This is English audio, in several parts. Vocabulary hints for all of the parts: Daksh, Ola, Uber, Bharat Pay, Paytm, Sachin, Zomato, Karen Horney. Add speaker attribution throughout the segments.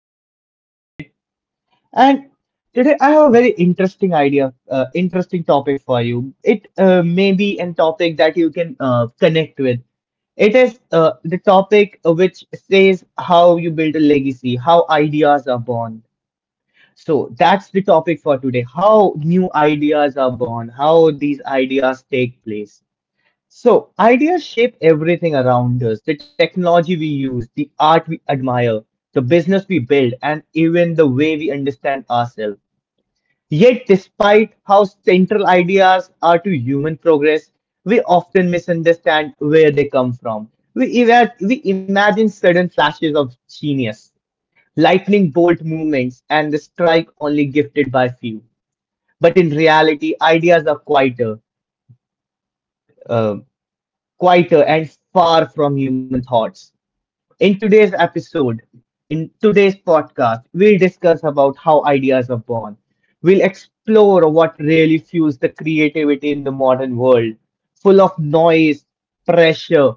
Speaker 1: your host for today. And today I have a very interesting topic for you. It may be a topic that you can connect with. It is the topic which says how you build a legacy, how ideas are born. So that's the topic for today, how new ideas are born, how these ideas take place. So, ideas shape everything around us, the technology we use, the art we admire, the business we build, and even the way we understand ourselves. Yet, despite how central ideas are to human progress, we often misunderstand where they come from. We imagine sudden flashes of genius, lightning bolt movements, and the strike only gifted by few. But in reality, ideas are quieter, uh, quieter and far from human thoughts. In today's episode, in today's podcast, we'll discuss about how ideas are born. We'll explore what really fuels the creativity in the modern world, full of noise, pressure,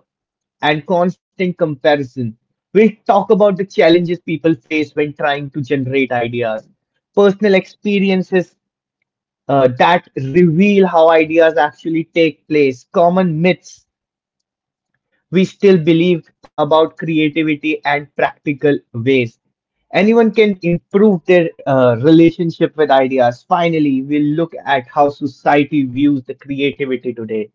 Speaker 1: and constant comparison. We'll talk about the challenges people face when trying to generate ideas, personal experiences that reveal how ideas actually take place, common myths we still believe about creativity and practical ways. Anyone can improve their relationship with ideas. Finally, we'll look at how society views the creativity today.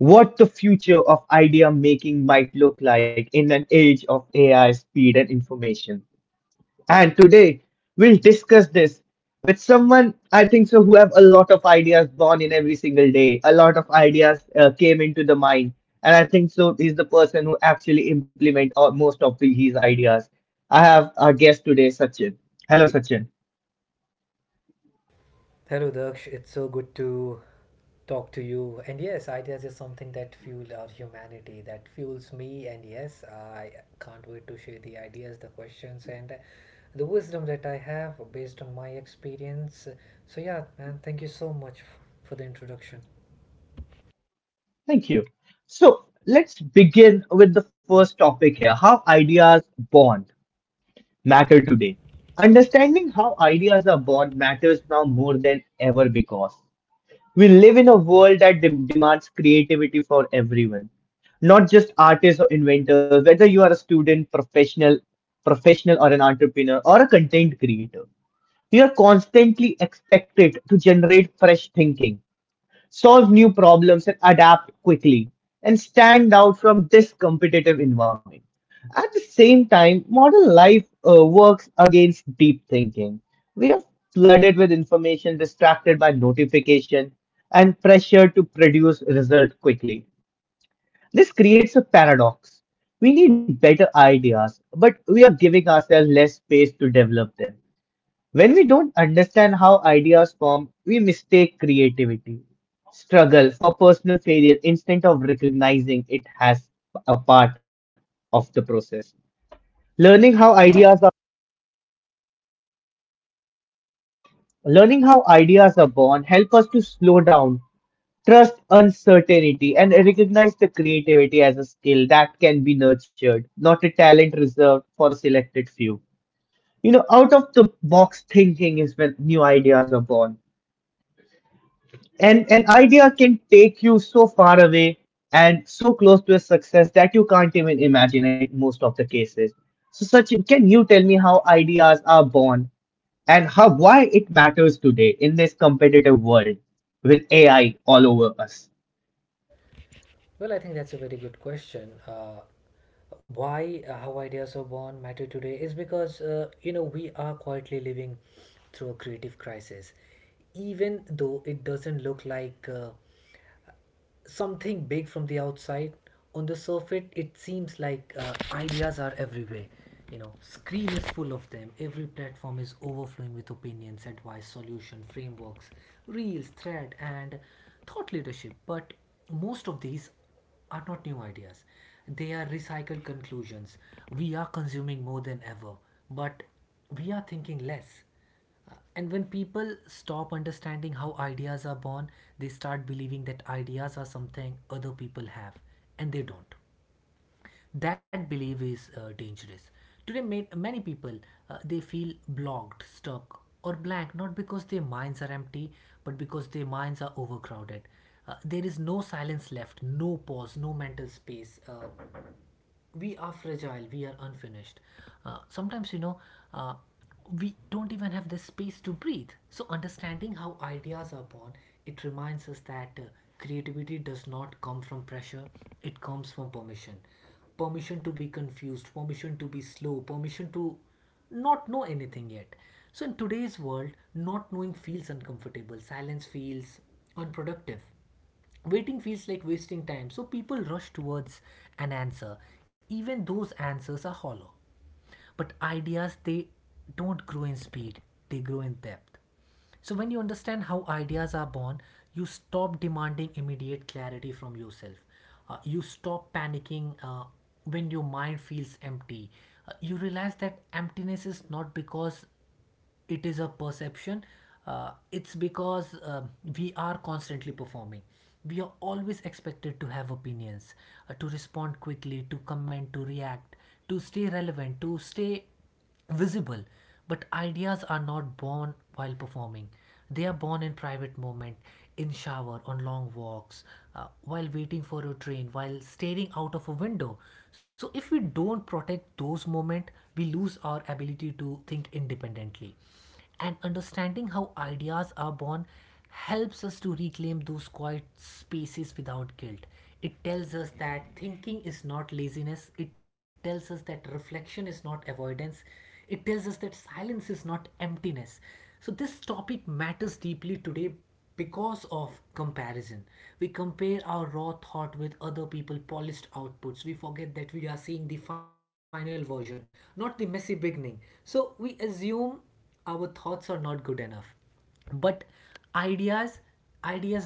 Speaker 1: What the future of idea making might look like in an age of AI speed and information. And today we'll discuss this with someone I think so who have a lot of ideas born in every single day. A lot of ideas came into the mind, and I think so he's the person who actually implement most of his ideas. I have our guest today, Sachin. Hello, Sachin.
Speaker 2: Hello, Daksh. It's so good to talk to you. And yes, ideas is something that fuel our humanity, that fuels me. And yes, I can't wait to share the ideas, the questions, and the wisdom that I have based on my experience. So, yeah, man, thank you so much for the introduction.
Speaker 1: Thank you. So let's begin with the first topic here: how ideas born matter today. Understanding how ideas are born matters now more than ever because we live in a world that demands creativity for everyone, not just artists or inventors, whether you are a student, professional or an entrepreneur or a content creator. You are constantly expected to generate fresh thinking, solve new problems, and adapt quickly, and stand out from this competitive environment. At the same time, modern life works against deep thinking. We are flooded with information, distracted by notification, and pressured to produce result quickly. This creates a paradox. We need better ideas, but we are giving ourselves less space to develop them. When we don't understand how ideas form, we mistake creativity, struggle for personal failure instead of recognizing it as a part of the process. Learning how ideas are Learning how ideas are born help us to slow down, trust uncertainty, and recognize the creativity as a skill that can be nurtured, not a talent reserved for a selected few. You know, out of the box thinking is when new ideas are born. And an idea can take you so far away and so close to a success that you can't even imagine it most of the cases. So Sachin, can you tell me how ideas are born and how why it matters today in this competitive world with AI all over us?
Speaker 2: Well, I think that's a very good question. Why how ideas are born matter today is because, you know, we are quietly living through a creative crisis, even though it doesn't look like something big from the outside. On the surface, it seems like, ideas are everywhere. You know, screen is full of them. Every platform is overflowing with opinions, advice, solution, frameworks, reels, thread, and thought leadership. But most of these are not new ideas. They are recycled conclusions. We are consuming more than ever, but we are thinking less. And when people stop understanding how ideas are born, they start believing that ideas are something other people have, and they don't. That belief is dangerous. Today, many people, they feel blocked, stuck, or blank not because their minds are empty, but because their minds are overcrowded. There is no silence left, no pause, no mental space. We are fragile, we are unfinished, sometimes, you know, uh, we don't even have the space to breathe. So understanding how ideas are born, it reminds us that, creativity does not come from pressure, it comes from permission. Permission to be confused, permission to be slow, permission to not know anything yet. So in today's world, not knowing feels uncomfortable, silence feels unproductive. Waiting feels like wasting time, so people rush towards an answer, even those answers are hollow. But ideas, they don't grow in speed, they grow in depth. So, when you understand how ideas are born, you stop demanding immediate clarity from yourself. You stop panicking when your mind feels empty. You realize that emptiness is not because it is a perception, it's because, we are constantly performing, we are always expected to have opinions, to respond quickly, to comment, to react, to stay relevant, to stay visible. But ideas are not born while performing, they are born in private moment, in shower, on long walks, while waiting for a train, while staring out of a window. So if we don't protect those moments, we lose our ability to think independently. And understanding how ideas are born helps us to reclaim those quiet spaces without guilt. It tells us that thinking is not laziness. It tells us that reflection is not avoidance. It tells us that silence is not emptiness. So, this topic matters deeply today because of comparison. We compare our raw thought with other people's polished outputs. We forget that we are seeing the final version, not the messy beginning. So, we assume our thoughts are not good enough. But ideas,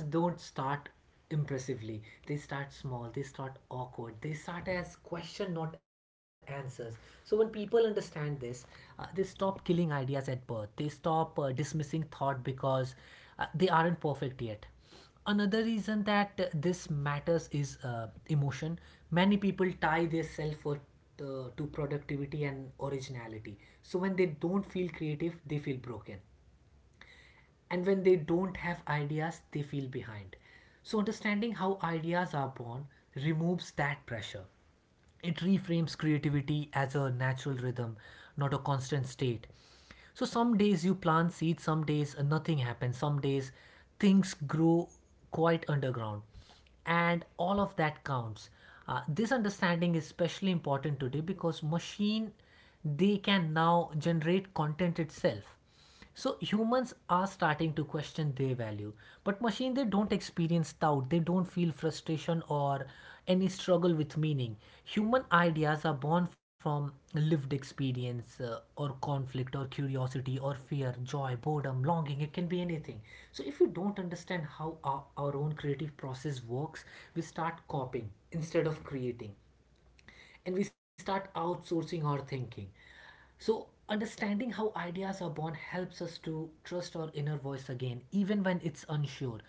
Speaker 2: don't start impressively, they start small, they start awkward, they start as question not answers. So when people understand this, they stop killing ideas at birth, they stop dismissing thought because, they aren't perfect yet. Another reason that, this matters is, emotion. Many people tie their self worth, to productivity and originality. So when they don't feel creative, they feel broken, and when they don't have ideas, they feel behind. So understanding how ideas are born removes that pressure, it reframes creativity as a natural rhythm, not a constant state. So some days you plant seeds, some days, nothing happens, some days things grow quite underground, and all of that counts. This understanding is especially important today because machine, they can now generate content itself, so humans are starting to question their value. But machine, they don't experience doubt, they don't feel frustration or any struggle with meaning. Human ideas are born from lived experience, or conflict or curiosity or fear, joy, boredom, longing, it can be anything. So if you don't understand how our own creative process works, we start copying instead of creating, and we start outsourcing our thinking. So, understanding how ideas are born helps us to trust our inner voice again, even when it's unsure.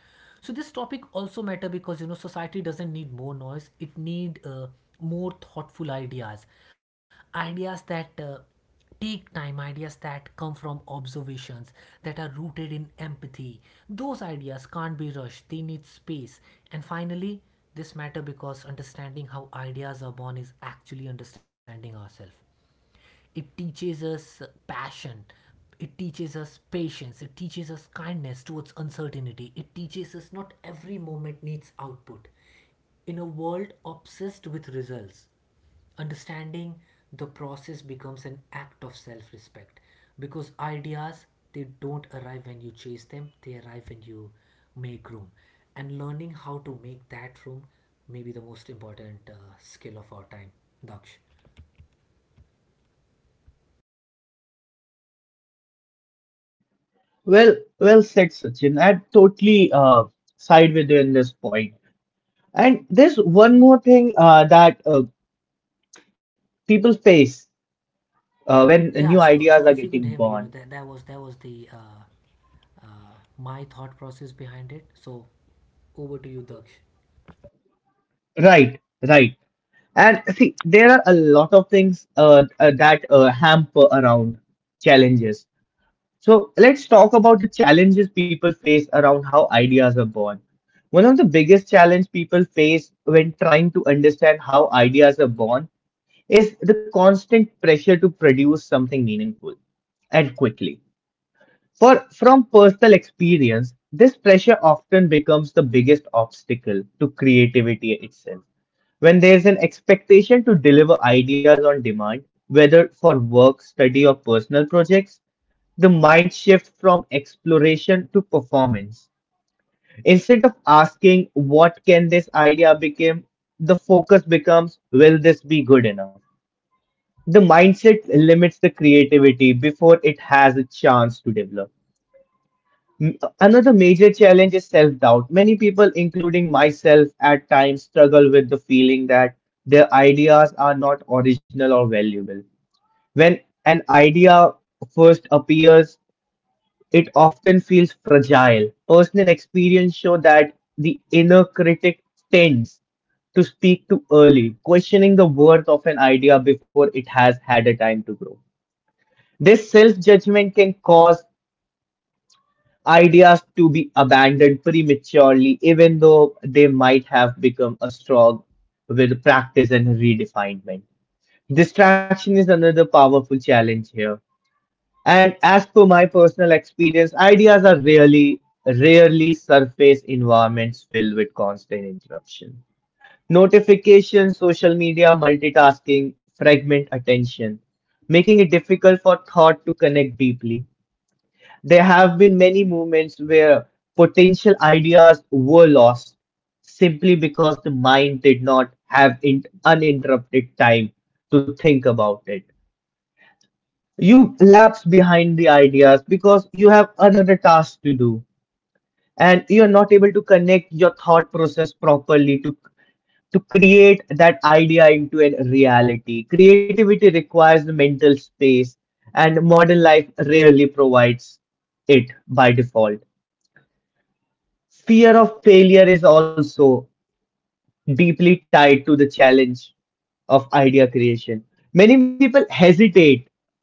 Speaker 2: So, this topic also matter because, you know, society doesn't need more noise; it need, more thoughtful ideas, ideas that, take time, ideas that come from observations, that are rooted in empathy. Those ideas can't be rushed, they need space. And finally, this matters because understanding how ideas are born is actually understanding ourselves. It teaches us passion. It teaches us patience. It teaches us kindness towards uncertainty. It teaches us not every moment needs output. In a world obsessed with results, understanding the process becomes an act of self-respect, because ideas, they don't arrive when you chase them, they arrive when you make room. And learning how to make that room may be the most important skill of our time, Daksh.
Speaker 1: Well, well said, Sachin. I totally side with you in this point. And there's one more thing that people face when new
Speaker 2: Yeah, so,
Speaker 1: ideas are
Speaker 2: if you
Speaker 1: getting
Speaker 2: could hear me, you
Speaker 1: born.
Speaker 2: know, that that was the, my thought process behind it. So over to you, Daksh.
Speaker 1: Right, right. And see, there are a lot of things that hamper around challenges. So let's talk about the challenges people face around how ideas are born. One of the biggest challenge people face when trying to understand how ideas are born is the constant pressure to produce something meaningful and quickly. For from personal experience, this pressure often becomes the biggest obstacle to creativity itself. When there's an expectation to deliver ideas on demand, whether for work, study, or personal projects, the mind shifts from exploration to performance. Instead of asking what can this idea become, the focus becomes will this be good enough? The mindset limits the creativity before it has a chance to develop. Another major challenge is self doubt. Many people, including myself, at times struggle with the feeling that their ideas are not original or valuable. When an idea first appears, it often feels fragile. Personal experience show that the inner critic tends to speak too early, questioning the worth of an idea before it has had a time to grow. This self judgment can cause ideas to be abandoned prematurely, even though they might have become a strong with practice and redefinement. Distraction is another powerful challenge here. And as per my personal experience, ideas are really rarely surface environments filled with constant interruption. Notifications, social media, multitasking fragment attention, making it difficult for thought to connect deeply. There have been many movements where potential ideas were lost simply because the mind did not have uninterrupted time to think about it. You lapse behind the ideas because you have another task to do and you're not able to connect your thought process properly to create that idea into a reality. Creativity requires the mental space and modern life rarely provides it by default. Fear of failure is also deeply tied to the challenge of idea creation. Many people hesitate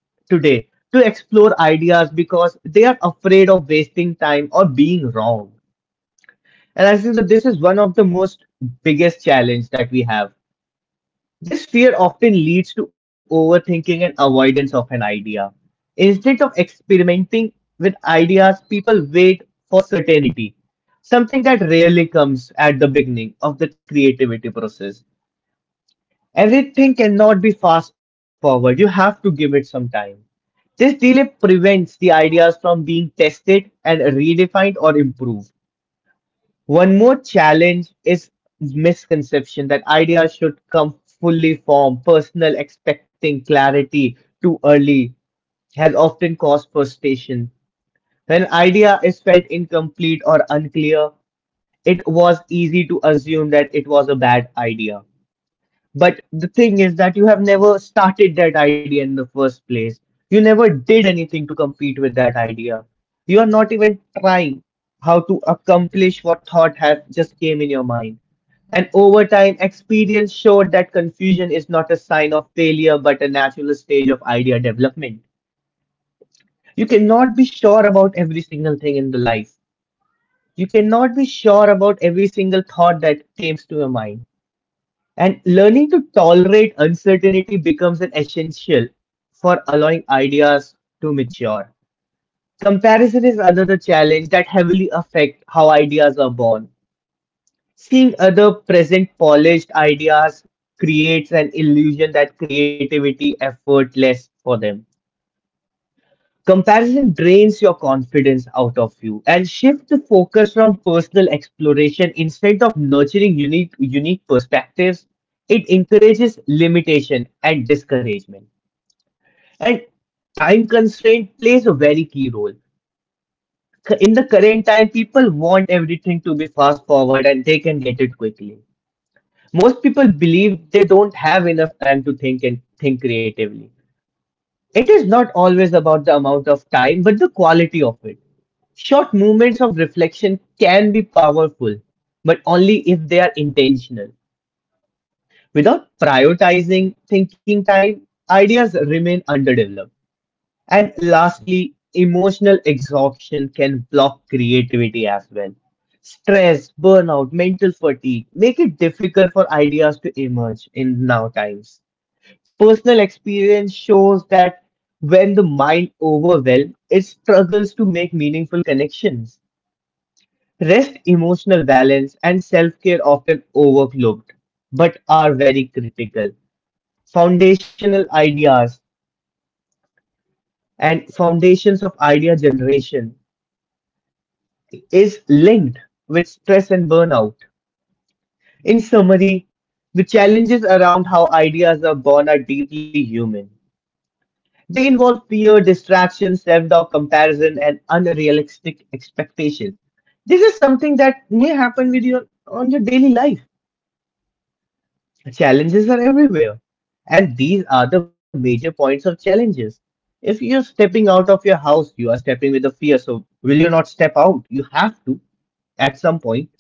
Speaker 1: today to explore ideas because they are afraid of wasting time or being wrong. And I think that this is one of the most biggest challenge that we have. This fear often leads to overthinking and avoidance of an idea. Instead of experimenting with ideas, people wait for certainty, something that rarely comes at the beginning of the creativity process. Everything cannot be fast forward, you have to give it some time. This delay prevents the ideas from being tested and redefined or improved. One more challenge is misconception that ideas should come fully formed. Personal expecting clarity too early has often caused frustration. When idea is felt incomplete or unclear, it was easy to assume that it was a bad idea. But the thing is that you have never started that idea in the first place. You never did anything to compete with that idea. You are not even trying how to accomplish what thought has just came in your mind. And over time, experience showed that confusion is not a sign of failure but a natural stage of idea development. You cannot be sure about every single thing in the life. You cannot be sure about every single thought that comes to your mind. And learning to tolerate uncertainty becomes an essential for allowing ideas to mature. Comparison is another challenge that heavily affect how ideas are born. Seeing other present polished ideas creates an illusion that creativity effortless for them. Comparison drains your confidence out of you and shift the focus from personal exploration instead of nurturing unique perspectives. It encourages limitation and discouragement. And time constraint plays a very key role. In the current time, people want everything to be fast forward and they can get it quickly. Most people believe they don't have enough time to think and think creatively. It is not always about the amount of time, but the quality of it. Short moments of reflection can be powerful, but only if they are intentional. Without prioritizing thinking time, ideas remain underdeveloped. And lastly, emotional exhaustion can block creativity as well. Stress, burnout, mental fatigue make it difficult for ideas to emerge in now times. Personal experience shows that when the mind overwhelms, it struggles to make meaningful connections. Rest, emotional balance, and self care often overlooked, but are very critical. Foundational ideas and foundations of idea generation is linked with stress and burnout. In summary, the challenges around how ideas are born are deeply human. They involve fear, distraction, self doubt, comparison, and unrealistic expectations. This is something that may happen with your on your daily life. Challenges are everywhere, and these are the major points of challenges. If you're stepping out of your house, you are stepping with a fear. So, will you not step out? You have to at some point.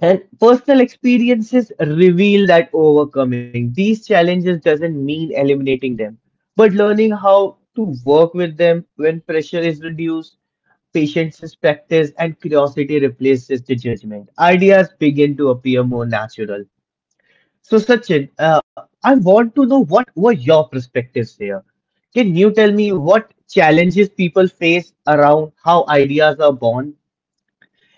Speaker 1: And personal experiences reveal that overcoming these challenges doesn't mean eliminating them, but learning how to work with them when pressure is reduced, patience is practiced, and curiosity replaces the judgment. Ideas begin to appear more natural. So, Sachin, I want to know what were your perspectives here. Can you tell me what challenges people face around how ideas are born?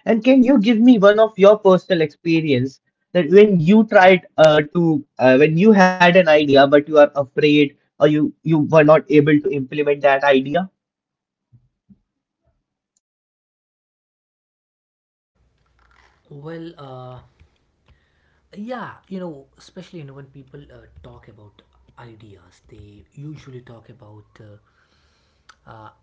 Speaker 1: And can you give me one of your personal experience that when you tried to when you had an idea but you are afraid or you were not able to implement that idea?
Speaker 2: Well, yeah, you know, especially, you know, when people, talk about ideas, they usually talk about, uh,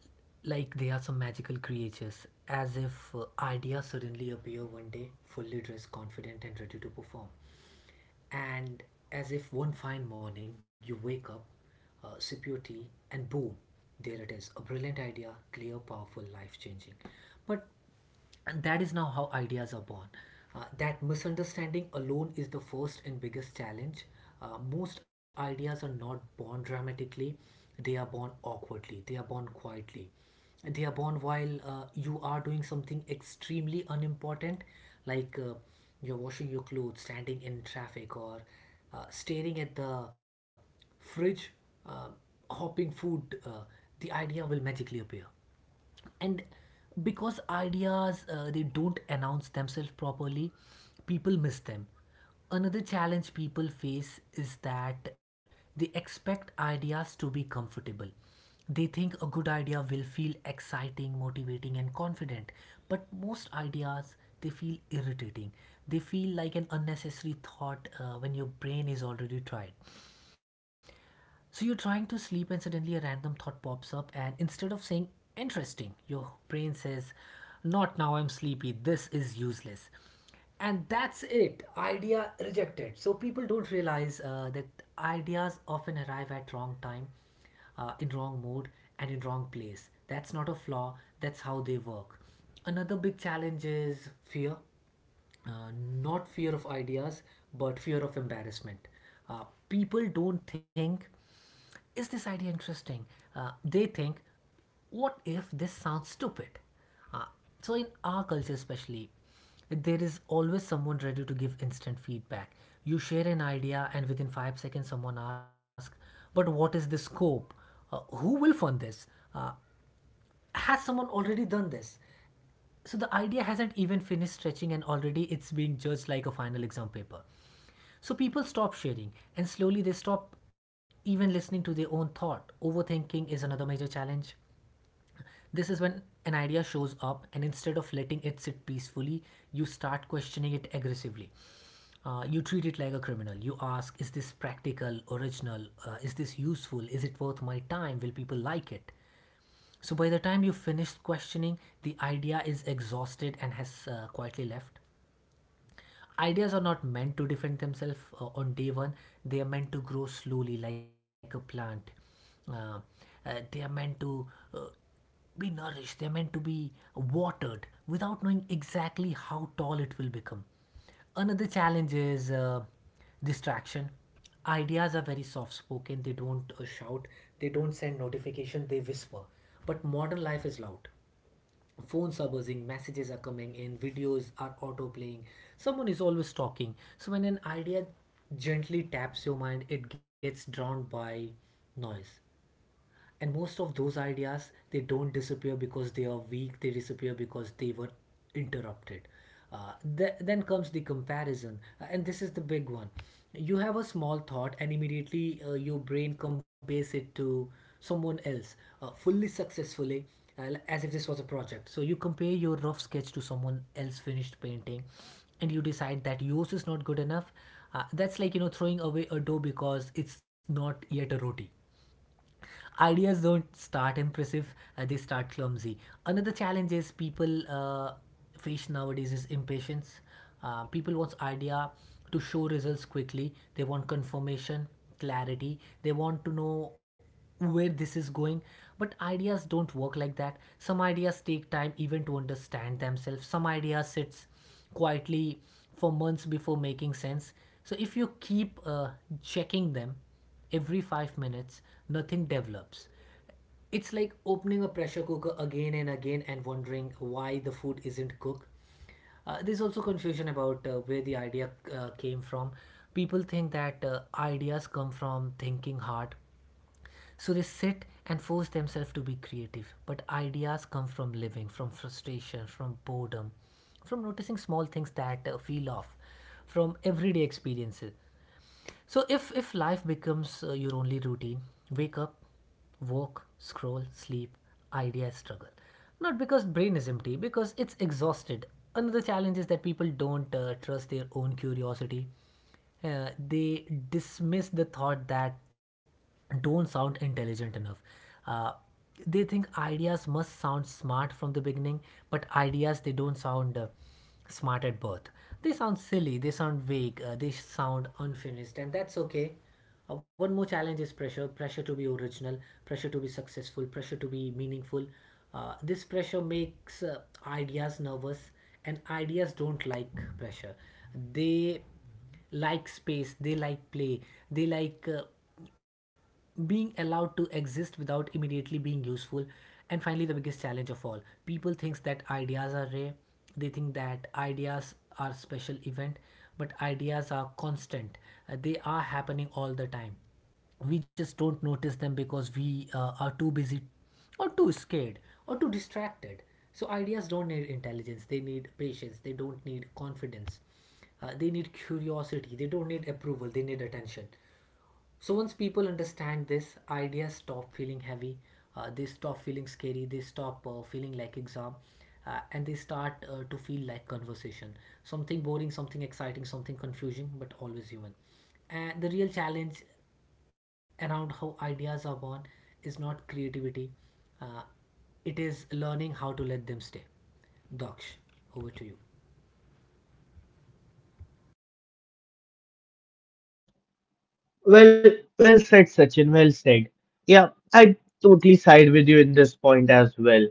Speaker 2: like they are some magical creatures, as if, ideas suddenly appear one day, fully dressed, confident, and ready to perform. And as if one fine morning you wake up, sip your tea, and boom, there it is, a brilliant idea, clear, powerful, life changing. But and that is now how ideas are born. That misunderstanding alone is the first and biggest challenge. Most ideas are not born dramatically, they are born awkwardly, they are born quietly. They are born while, you are doing something extremely unimportant, like, you're washing your clothes, standing in traffic, or, staring at the fridge, uh, hopping food. The idea will magically appear, and because ideas, they don't announce themselves properly, people miss them. Another challenge people face is that they expect ideas to be comfortable. They think a good idea will feel exciting, motivating, and confident. But most ideas, they feel irritating, they feel like an unnecessary thought when your brain is already tired. So you're trying to sleep, and suddenly a random thought pops up, and instead of saying interesting, your brain says, not now, I'm sleepy, this is useless. And that's it, idea rejected. So people don't realize that ideas often arrive at wrong time, in wrong mood, and in wrong place. That's not a flaw, that's how they work. Another big challenge is fear, not fear of ideas, but fear of embarrassment. People don't think, is this idea interesting? They think, what if this sounds stupid? uh, so in our culture especially, there is always someone ready to give instant feedback. You share an idea and within 5 seconds someone asks, but what is the scope? Who will fund this? uh, has someone already done this? So the idea hasn't even finished stretching and already it's being judged like a final exam paper. So people stop sharing and slowly they stop even listening to their own thought. Overthinking is another major challenge. This is when an idea shows up and instead of letting it sit peacefully, you start questioning it aggressively. You treat it like a criminal. You ask, is this practical, original? Is this useful? Is it worth my time? Will people like it? So by the time you finish questioning, the idea is exhausted and has quietly left. Ideas are not meant to defend themselves on day one, they are meant to grow slowly like a plant. Uh, they are meant to, uh, be nourished, they are meant to be watered without knowing exactly how tall it will become. Another challenge is, distraction. Ideas are very soft spoken, they don't shout, they don't send notification, they whisper. But modern life is loud, phones are buzzing, messages are coming in, videos are auto playing, someone is always talking. So when an idea gently taps your mind, it gets drowned by noise, and most of those ideas, they don't disappear because they are weak, they disappear because they were interrupted. Then comes the comparison, and this is the big one. You have a small thought and immediately, your brain compares it to someone else, fully successfully, uh, as if this was a project. So you compare your rough sketch to someone else finished painting, and you decide that yours is not good enough. That's like, you know, throwing away a dough because it's not yet a roti. Ideas don't start impressive, they start clumsy. Another challenge is people face nowadays is impatience. People want idea to show results quickly. They want confirmation, clarity. They want to know where this is going. But ideas don't work like that. Some ideas take time even to understand themselves. Some ideas sits quietly for months before making sense. So if you keep checking them every 5 minutes, nothing develops. It's like opening a pressure cooker again and again and wondering why the food isn't cooked. There's also confusion about where the idea came from. People think that ideas come from thinking hard, so they sit and force themselves to be creative. But ideas come from living, from frustration, from boredom, from noticing small things that feel off, from everyday experiences. So if life becomes your only routine, wake up, walk, scroll, sleep, idea, struggle. Not because brain is empty, because it's exhausted. Another challenge is that people don't trust their own curiosity. They dismiss the thought that don't sound intelligent enough. Uh, they think ideas must sound smart from the beginning, but ideas they don't sound smart at birth. They sound silly, they sound vague, they sound unfinished, and that's okay. One more challenge is pressure to be original, pressure to be successful, pressure to be meaningful. This pressure makes ideas nervous, and ideas don't like pressure. They like space, they like play, they like being allowed to exist without immediately being useful. And finally, the biggest challenge of all, people thinks that ideas are rare. They think that ideas are special event, but ideas are constant. They are happening all the time. We just don't notice them because we are too busy or too scared or too distracted. So ideas don't need intelligence, they need patience. They don't need confidence, they need curiosity. They don't need approval, they need attention. So once people understand this, ideas stop feeling heavy, they stop feeling scary, they stop feeling like exam, and they start to feel like conversation. Something boring, something exciting, something confusing, but always human. And the real challenge around how ideas are born is not creativity, uh, it is learning how to let them stay. Daksh, over to you.
Speaker 1: Well, well said, Sachin. Well said. Yeah, I totally side with you in this point as well.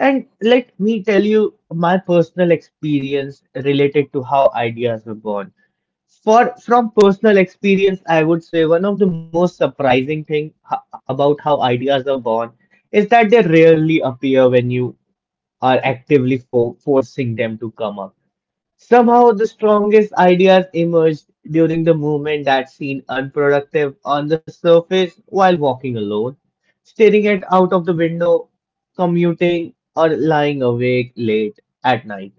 Speaker 1: And let me tell you my personal experience related to how ideas were born. For from personal experience, I would say one of the most surprising about how ideas are born is that they rarely appear when you are actively forcing them to come up. Somehow, the strongest ideas emerged during the movement that seemed unproductive on the surface while walking alone, staring at out of the window, commuting, or lying awake late at night.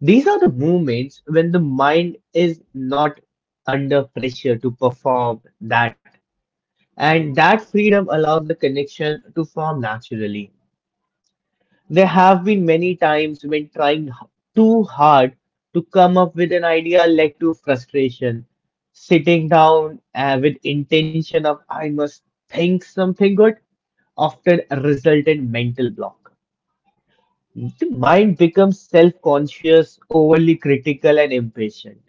Speaker 1: These are the moments when the mind is not under pressure to perform that, and that freedom allows the connection to form naturally. There have been many times when too hard to come up with an idea led to frustration. Sitting down with intention of I must think something good often result in mental block. The mind becomes self-conscious, overly critical, and impatient.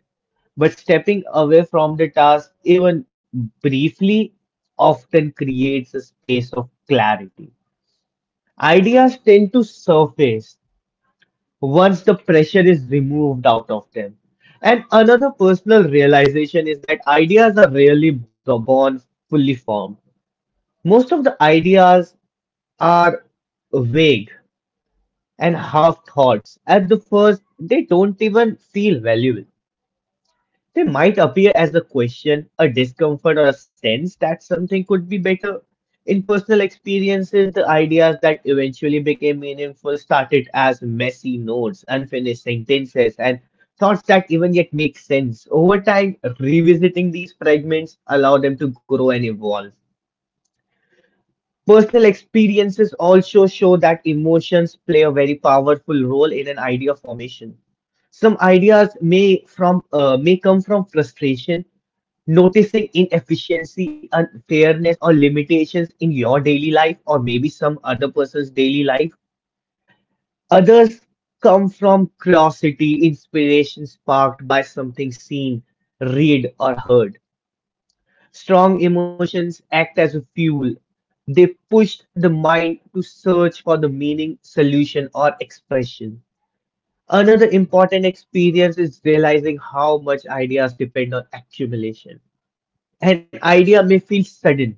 Speaker 1: But stepping away from the task, even briefly, often creates a space of clarity. Ideas tend to surface once the pressure is removed out of them. And another personal realization is that ideas are rarely born fully formed. Most of the ideas are vague and half thoughts. At the first, they don't even feel valuable. They might appear as a question, a discomfort, or a sense that something could be better. In personal experiences, the ideas that eventually became meaningful started as messy notes, unfinished sentences, and thoughts that even yet make sense. Over time, revisiting these fragments allow them to grow and evolve. Personal experiences also show that emotions play a very powerful role in an idea formation. Some ideas may come from frustration, noticing inefficiency, unfairness, or limitations in your daily life, or maybe some other person's daily life. Others come from curiosity, inspiration sparked by something seen, read, or heard. Strong emotions act as a fuel. They push the mind to search for the meaning, solution, or expression. Another important experience is realizing how much ideas depend on accumulation. An idea may feel sudden,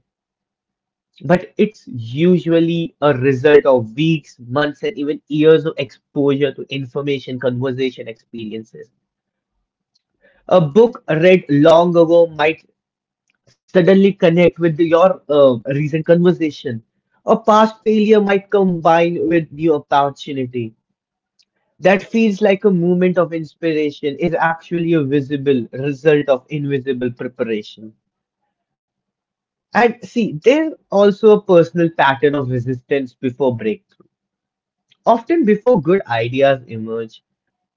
Speaker 1: but it's usually a result of weeks, months, and even years of exposure to information, conversation, experiences. A book read long ago might suddenly connect with your recent conversation. A past failure might combine with new opportunity. That feels like a moment of inspiration is actually a visible result of invisible preparation. And see, there's also a personal pattern of resistance before breakthrough. Often, before good ideas emerge,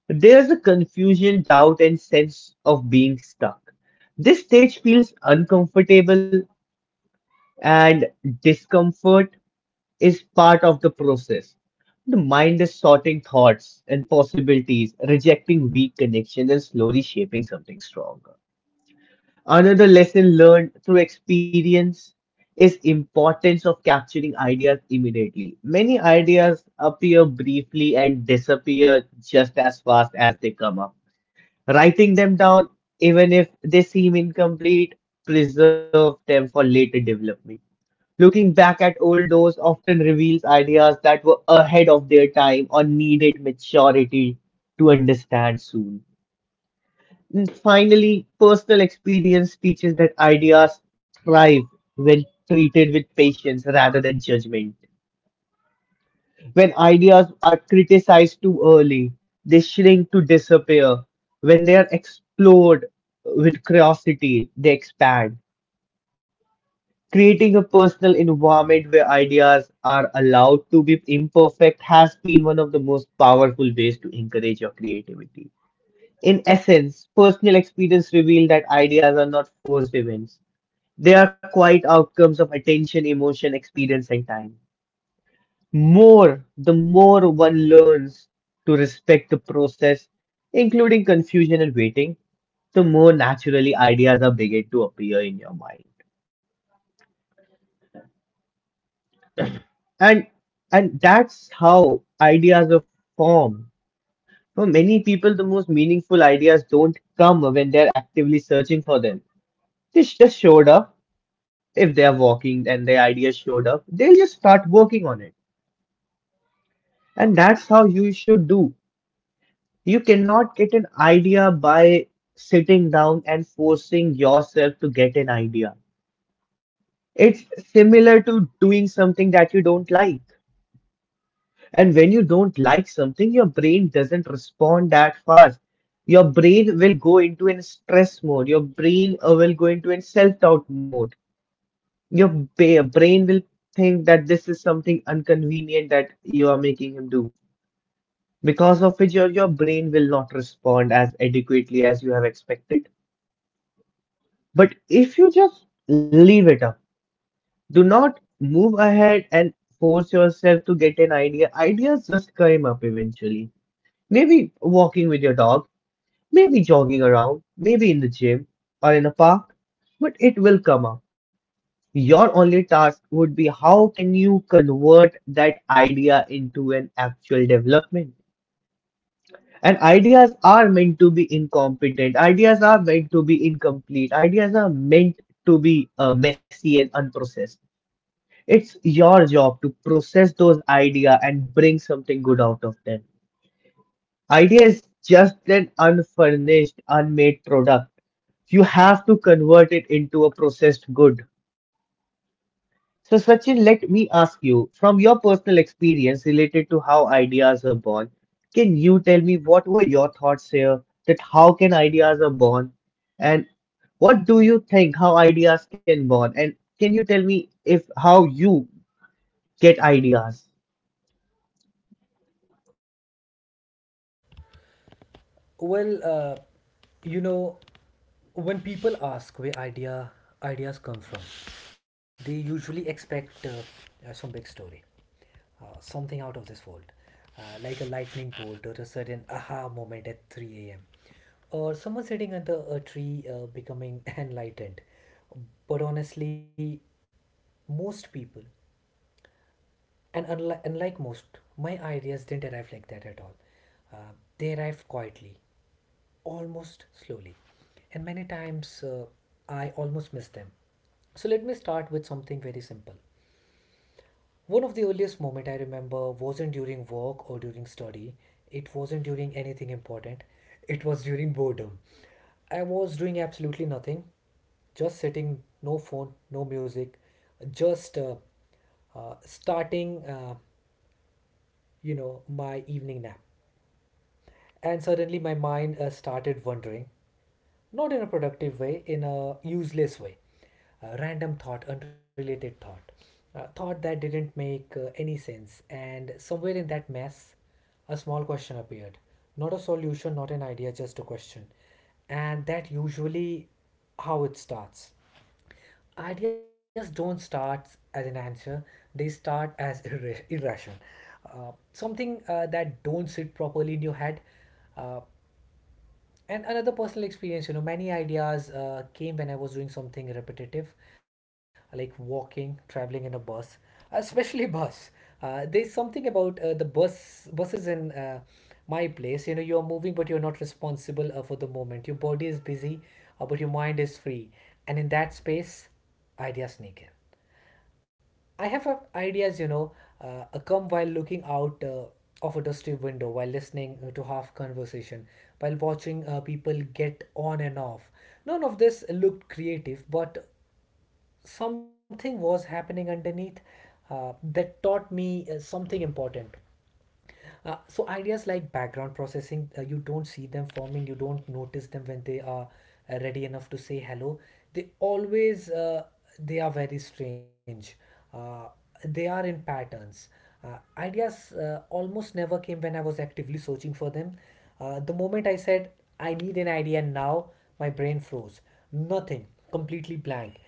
Speaker 1: there's a confusion, doubt, and sense of being stuck. This stage feels uncomfortable and discomfort is part of the process. The mind is sorting thoughts and possibilities, rejecting weak connections, and slowly shaping something stronger. Another lesson learned through experience is importance of capturing ideas immediately. Many ideas appear briefly and disappear just as fast as they come up. Writing them down, even if they seem incomplete, preserve them for later development. Looking back at old doors often reveals ideas that were ahead of their time or needed maturity to understand soon. And finally, personal experience teaches that ideas thrive when treated with patience rather than judgment. When ideas are criticized too early, they shrink to disappear. When they are explored with curiosity, they expand. Creating a personal environment where ideas are allowed to be imperfect has been one of the most powerful ways to encourage your creativity. In essence, personal experience reveal that ideas are not forced events. They are quiet outcomes of attention, emotion, experience, and time. The more one learns to respect the process, including confusion and waiting, the more naturally ideas are begin to appear in your mind. and and that's how ideas are formed. For many people, the most meaningful ideas don't come when they're actively searching for them. Just showed up. If they're walking and the idea showed up, they'll just start working on it, and that's how you should do. You cannot get an idea by sitting down and forcing yourself to get an idea. It's similar to doing something that you don't like. And when you don't like something, your brain doesn't respond that fast. Your brain will go into a stress mode. Your brain will go into a self-doubt mode. Your brain will think that this is something inconvenient that you are making him do. Because of which your brain will not respond as adequately as you have expected. But if you just leave it up, do not move ahead and force yourself to get an idea. Ideas just come up eventually. Maybe walking with your dog, maybe jogging around, maybe in the gym or in a park, but it will come up. Your only task would be how can you convert that idea into an actual development? And ideas are meant to be incompetent, ideas are meant to be incomplete, ideas are meant to be messy and unprocessed. It's your job to process those ideas and bring something good out of them. Idea is just an unfurnished, unmade product. You have to convert it into a processed good. So, Sachin, let me ask you from your personal experience related to how ideas are born, can you tell me what were your thoughts here? That how can ideas are born, and what do you think how ideas can born, and can you tell me if how you get ideas?
Speaker 2: Well, you know, when people ask where ideas come from, they usually expect some big story, something out of this world, like a lightning bolt or a sudden aha moment at 3 a.m., or someone sitting under a tree becoming enlightened. But honestly, most people and unlike most, my ideas didn't arrive like that at all. Uh, they arrived quietly, almost slowly. And many times I almost missed them. So let me start with something very simple. One of the earliest moment I remember wasn't during work or during study. It wasn't during anything important. It was during boredom. I was doing absolutely nothing, just sitting, no phone, no music, just starting you know, my evening nap. And suddenly my mind started wandering, not in a productive way, in a useless way. A random thought, unrelated thought, a thought that didn't make any sense. And somewhere in that mess, a small question appeared. Not a solution, not an idea, just a question. And that usually how it starts. Ideas don't start as an answer, they start as irrational, uh, something that don't sit properly in your head. Uh, and another personal experience, you know, many ideas came when I was doing something repetitive, like walking, traveling in a bus, especially bus. Uh, there's something about the buses in my place. You know, you're moving but you're not responsible for the moment. Your body is busy, but your mind is free, and in that space ideas sneak in. I have ideas, you know, come while looking out of a dusty window, while listening to half conversation, while watching people get on and off. None of this looked creative, but something was happening underneath that taught me something important. So ideas like background processing, you don't see them forming, you don't notice them when they are ready enough to say hello. They always they are very strange. Uh, they are in patterns. Ideas almost never came when I was actively searching for them. The moment I said I need an idea now, my brain froze. Nothing, completely blank.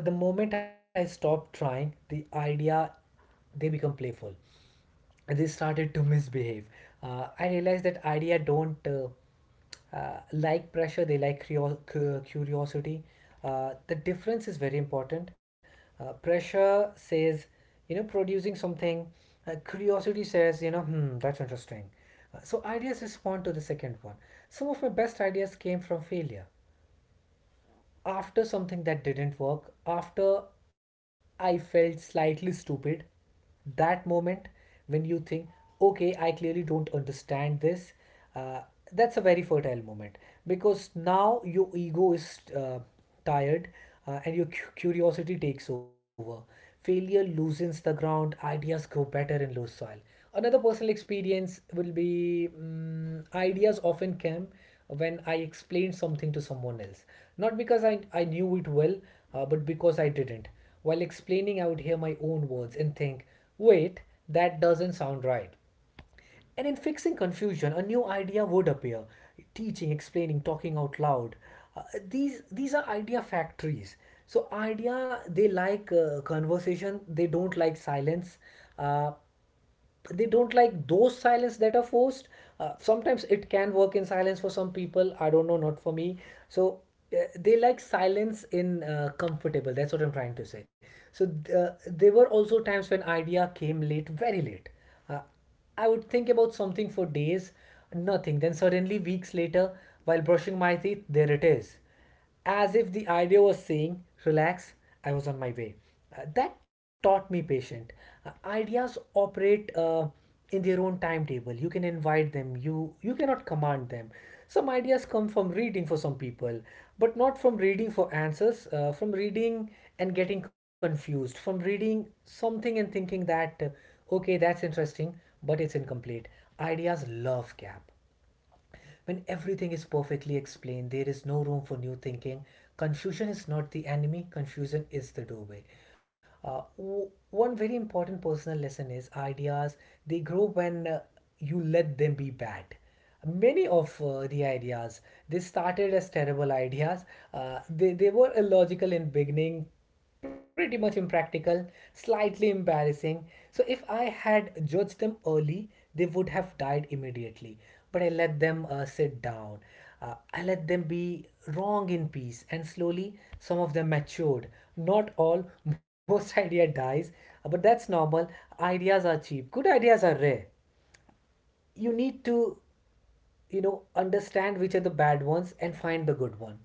Speaker 2: But the moment I stopped trying, the idea they become playful, they started to misbehave. I realized that idea don't like pressure; they like curiosity. The difference is very important. Pressure says, you know, producing something. Curiosity says, you know, hmm, that's interesting. So ideas respond to the second one. Some of my best ideas came from failure, after something that didn't work, after I felt slightly stupid, that moment when you think, okay, I clearly don't understand this, uh, that's a very fertile moment, because now your ego is tired, and your curiosity takes over. Failure loosens the ground, ideas grow better in loose soil. Another personal experience will be, mm, ideas often came when I explained something to someone else. Not because I knew it well, but because I didn't. While explaining, I would hear my own words and think, wait, that doesn't sound right. And in fixing confusion, a new idea would appear. Teaching, explaining, talking out loud. Uh, these are idea factories. So idea they like conversation. They don't like silence. Uh, they don't like those silence that are forced. Sometimes it can work in silence for some people. I don't know, not for me. So they like silence in comfortable. That's what I'm trying to say. So there were also times when idea came late, very late. Uh, uh, I would think about something for days, nothing. Then suddenly, weeks later, while brushing my teeth, there it is. As if the idea was saying, relax, I was on my way. That taught me patience. Ideas operate in their own timetable. You can invite them, you cannot command them. Some ideas come from reading for some people, but not from reading for answers, from reading and getting confused, from reading something and thinking that. Okay, that's interesting, but it's incomplete. Ideas love gap. When everything is perfectly explained, there is no room for new thinking. Confusion is not the enemy, confusion is the doorway. W- one very important personal lesson is ideas, they grow when you let them be bad. Many of the ideas, they started as terrible ideas. They were illogical in beginning, pretty much impractical, slightly embarrassing. So if I had judged them early, they would have died immediately. But I let them sit down. I let them be wrong in peace, and slowly some of them matured. Not all, most idea dies, but that's normal. Ideas are cheap. Good ideas are rare. You need to, you know, understand which are the bad ones and find the good one.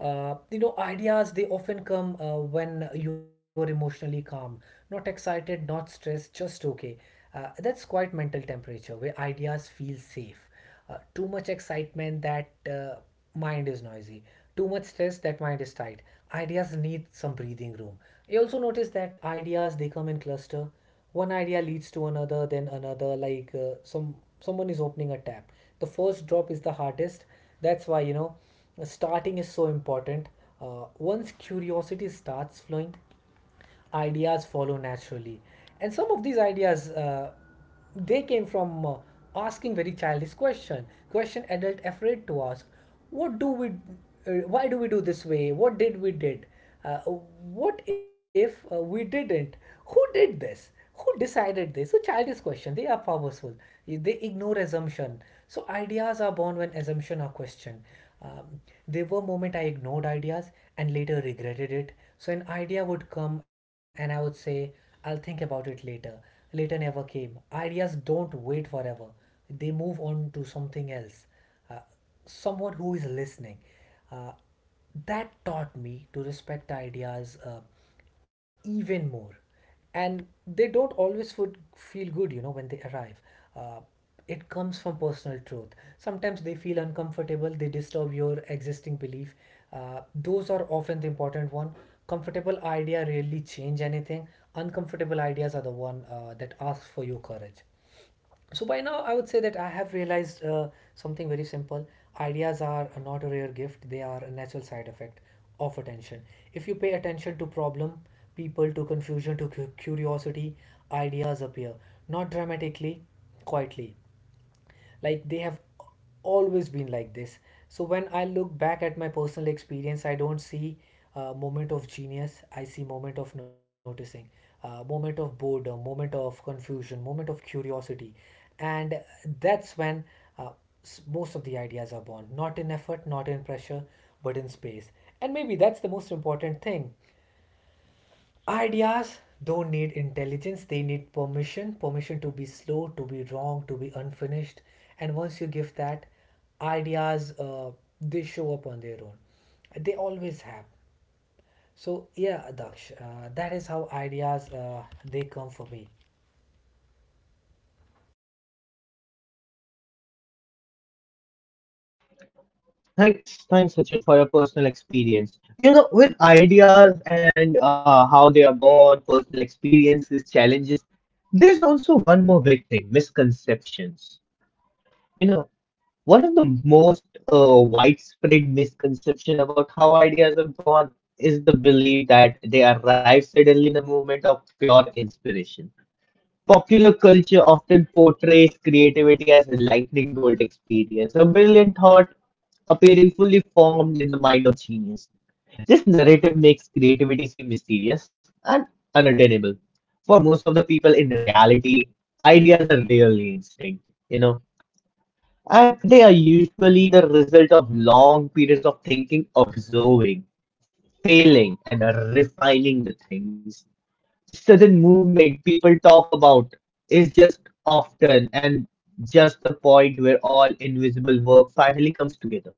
Speaker 2: You know, ideas they often come when you are emotionally calm, not excited, not stressed, just okay. That's quite mental temperature where ideas feel safe. Too much excitement, that mind is noisy. Too much stress, that mind is tight. Ideas need some breathing room. You also notice that ideas they come in cluster. One idea leads to another, then another, like someone is opening a tap. The first drop is the hardest. That's why, you know, starting is so important. Uh, once curiosity starts flowing, ideas follow naturally. And some of these ideas they came from asking very childish question, question adult afraid to ask. What do we, why do we do this way, what did we did, what if we didn't, who did this, who decided this. So childish question, they are powerful. They ignore assumption. So ideas are born when assumptions are questioned. Um, there were moments I ignored ideas and later regretted it. So an idea would come and I would say, I'll think about it later. Later never came. Ideas don't wait forever. They move on to something else. Uh, uh, someone who is listening. Uh, that taught me to respect ideas even more. And they don't always would feel good, you know, when they arrive. Uh, it comes from personal truth. Sometimes they feel uncomfortable, they disturb your existing belief. Those are often the important one. Comfortable idea really change anything. Uncomfortable ideas are the one that ask for your courage. So by now, I would say that I have realized something very simple. Ideas are not a rare gift; they are a natural side effect of attention. If you pay attention to problem, people, to confusion, to curiosity, ideas appear. Not dramatically, quietly, like they have always been like this. So when I look back at my personal experience, I don't see a moment of genius, I see moment of noticing, a moment of boredom, moment of confusion, moment of curiosity. And that's when uh, most of the ideas are born, not in effort, not in pressure, but in space. And maybe that's the most important thing. Ideas don't need intelligence, they need permission, permission to be slow, to be wrong, to be unfinished. And once you give that, ideas they show up on their own. They always have. So, yeah, Daksh, that is how ideas they come for me.
Speaker 1: Thanks, thanks, Sachin, for your personal experience. You know, with ideas and how they are born, personal experiences, challenges, there's also one more big thing misconceptions. You know, one of the most widespread misconception about how ideas are born is the belief that they arrive suddenly in the moment of pure inspiration. Popular culture often portrays creativity as a lightning bolt experience, a brilliant thought appearing fully formed in the mind of genius. This narrative makes creativity seem mysterious and unattainable. For most of the people in reality, ideas are really instinct, you know, and they are usually the result of long periods of thinking, observing, failing, and refining the things this certain movement people talk about is just often and just the point where all invisible work finally comes together.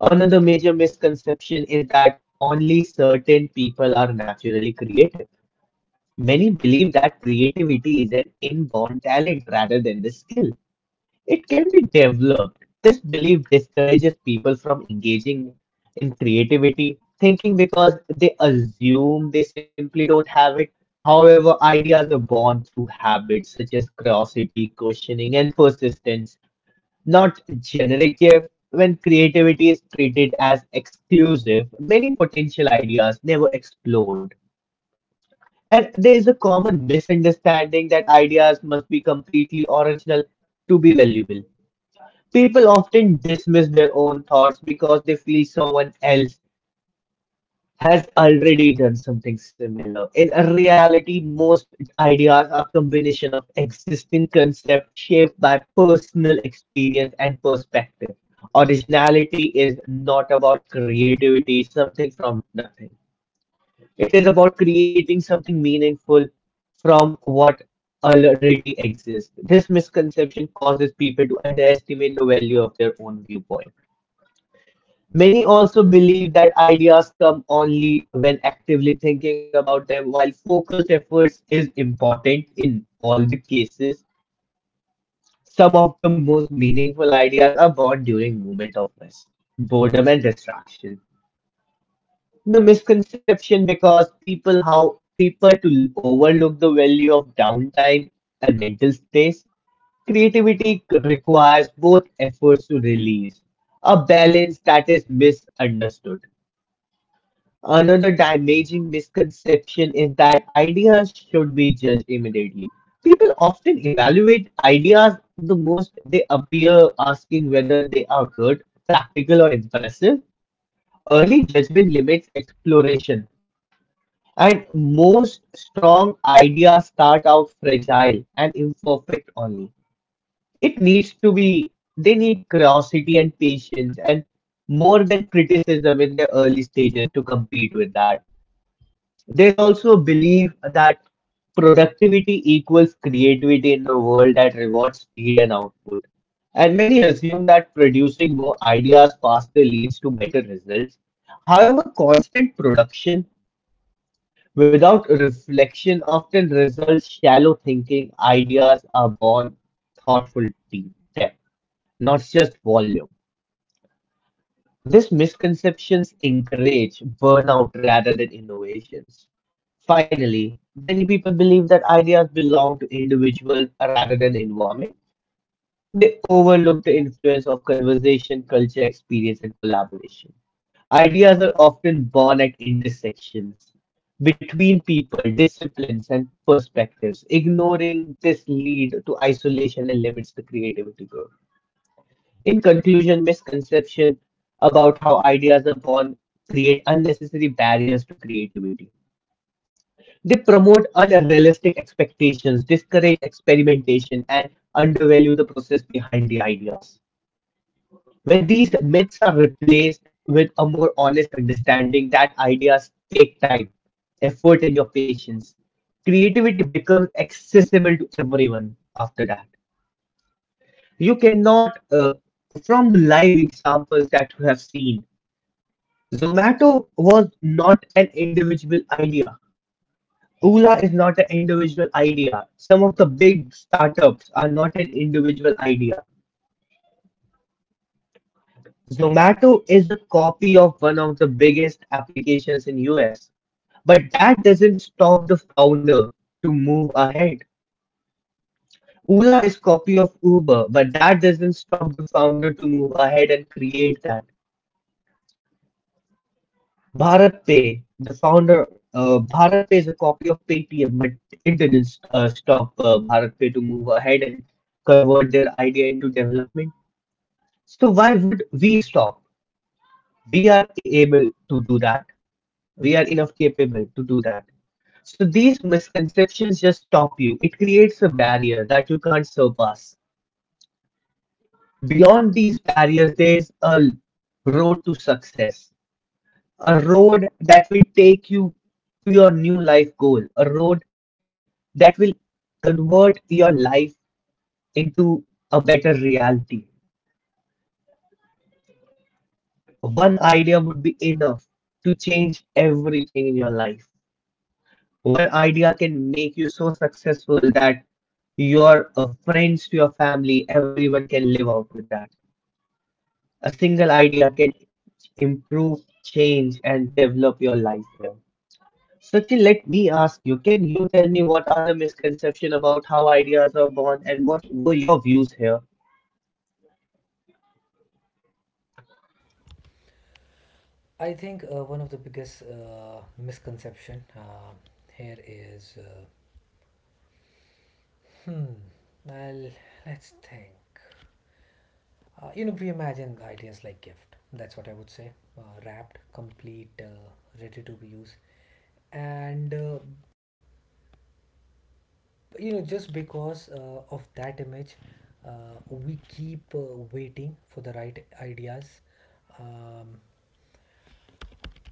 Speaker 1: Another major misconception is that only certain people are naturally creative. Many believe that creativity is an inborn talent rather than the skill. It can be developed. This belief discourages people from engaging in creativity, thinking because they assume they simply don't have it. However, ideas are born through habits such as curiosity, questioning, and persistence, not generic gift. When creativity is treated as exclusive, many potential ideas never explode. And there is a common misunderstanding that ideas must be completely original to be valuable. People often dismiss their own thoughts because they feel someone else has already done something similar. In a reality, most ideas are combination of existing concepts shaped by personal experience and perspective. Originality is not about creativity, it's something from nothing. It is about creating something meaningful from what already exists. This misconception causes people to underestimate the value of their own viewpoint. Many also believe that ideas come only when actively thinking about them, while focused efforts is important in all the cases. Some of the most meaningful ideas are born during moment of rest, boredom and distraction. The misconception because people how people to overlook the value of downtime and mental space. Requires both efforts to release, a balance that is misunderstood. Another damaging misconception is that ideas should be judged immediately. People often evaluate ideas the most they appear, asking whether they are good, practical, or impressive. Early judgment limits exploration, and most strong ideas start out fragile and imperfect only. It needs to be, they need curiosity and patience, and more than criticism in their early stages to compete with that. There's also a belief that productivity equals creativity in the world that rewards speed and output. And many assume that producing more ideas faster leads to better results. However, constant production without reflection often results shallow thinking. Ideas are born thoughtful deep depth, not just volume. These misconceptions encourage burnout rather than innovations. Finally, many people believe that ideas belong to individuals rather than environment. They overlook the influence of conversation, culture, experience, and collaboration. Ideas are often born at intersections between people, disciplines, and perspectives. Ignoring this lead to isolation and limits the creativity growth. In conclusion, misconception about how ideas are born create unnecessary barriers to creativity. They promote unrealistic expectations, discourage experimentation, and undervalue the process behind the ideas. When these myths are replaced with a more honest understanding that ideas take time, effort, and your patience, creativity becomes accessible to everyone after that. You cannot, From the live examples that you have seen, Zomato was not an individual idea. Ola is not an individual idea. Some of the big startups are not an individual idea. Zomato is a copy of one of the biggest applications in US, but that doesn't stop the founder to move ahead. Ola is copy of Uber, but that doesn't stop the founder to move ahead and create that. Bharat Pay, the founder, Bharat Pay is a copy of Paytm, but it didn't stop Bharat Pay to move ahead and convert their idea into development. So why would we stop? We are able to do that. We are enough capable to do that. So these misconceptions just stop you. It creates a barrier that you can't surpass. Beyond these barriers, there's a road to success, a road that will take you to your new life goal, a road that will convert your life into a better reality. One idea would be enough to change everything in your life. One idea can make you so successful that your friends to your family, everyone can live out with that. A single idea can improve, change, and develop your life here. Sachin, let me ask you, can you tell me what are the misconceptions about how ideas are born and what were your views here?
Speaker 2: I think one of the biggest misconception here is hmm, well, let's think. We imagine the ideas like gift. That's what I would say. Wrapped, complete, ready to be used. And, uh, just because of that image, uh, we keep waiting for the right ideas. Um,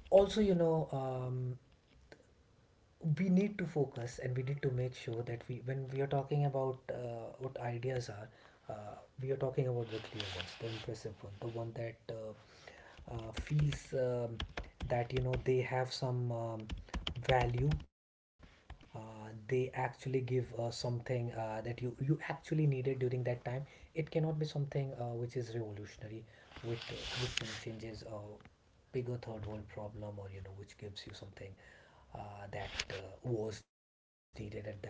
Speaker 2: Also, we need to focus, and we need to make sure that we when we are talking about what ideas are, uh, we are talking about the clear ones, the impressive one, the one that feels that they have some value, uh, they actually give something that you actually needed during that time. It cannot be something which is revolutionary, which changes a bigger third world problem, or which gives you something that was needed at that time.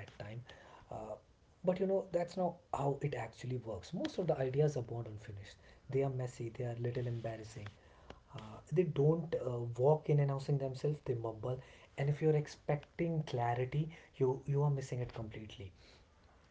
Speaker 2: Uh, but you know That's not how it actually works. Most of the ideas are born unfinished, they are messy, they are little embarrassing. They don't walk in announcing themselves, they mumble. And if you're expecting clarity, you are missing it completely.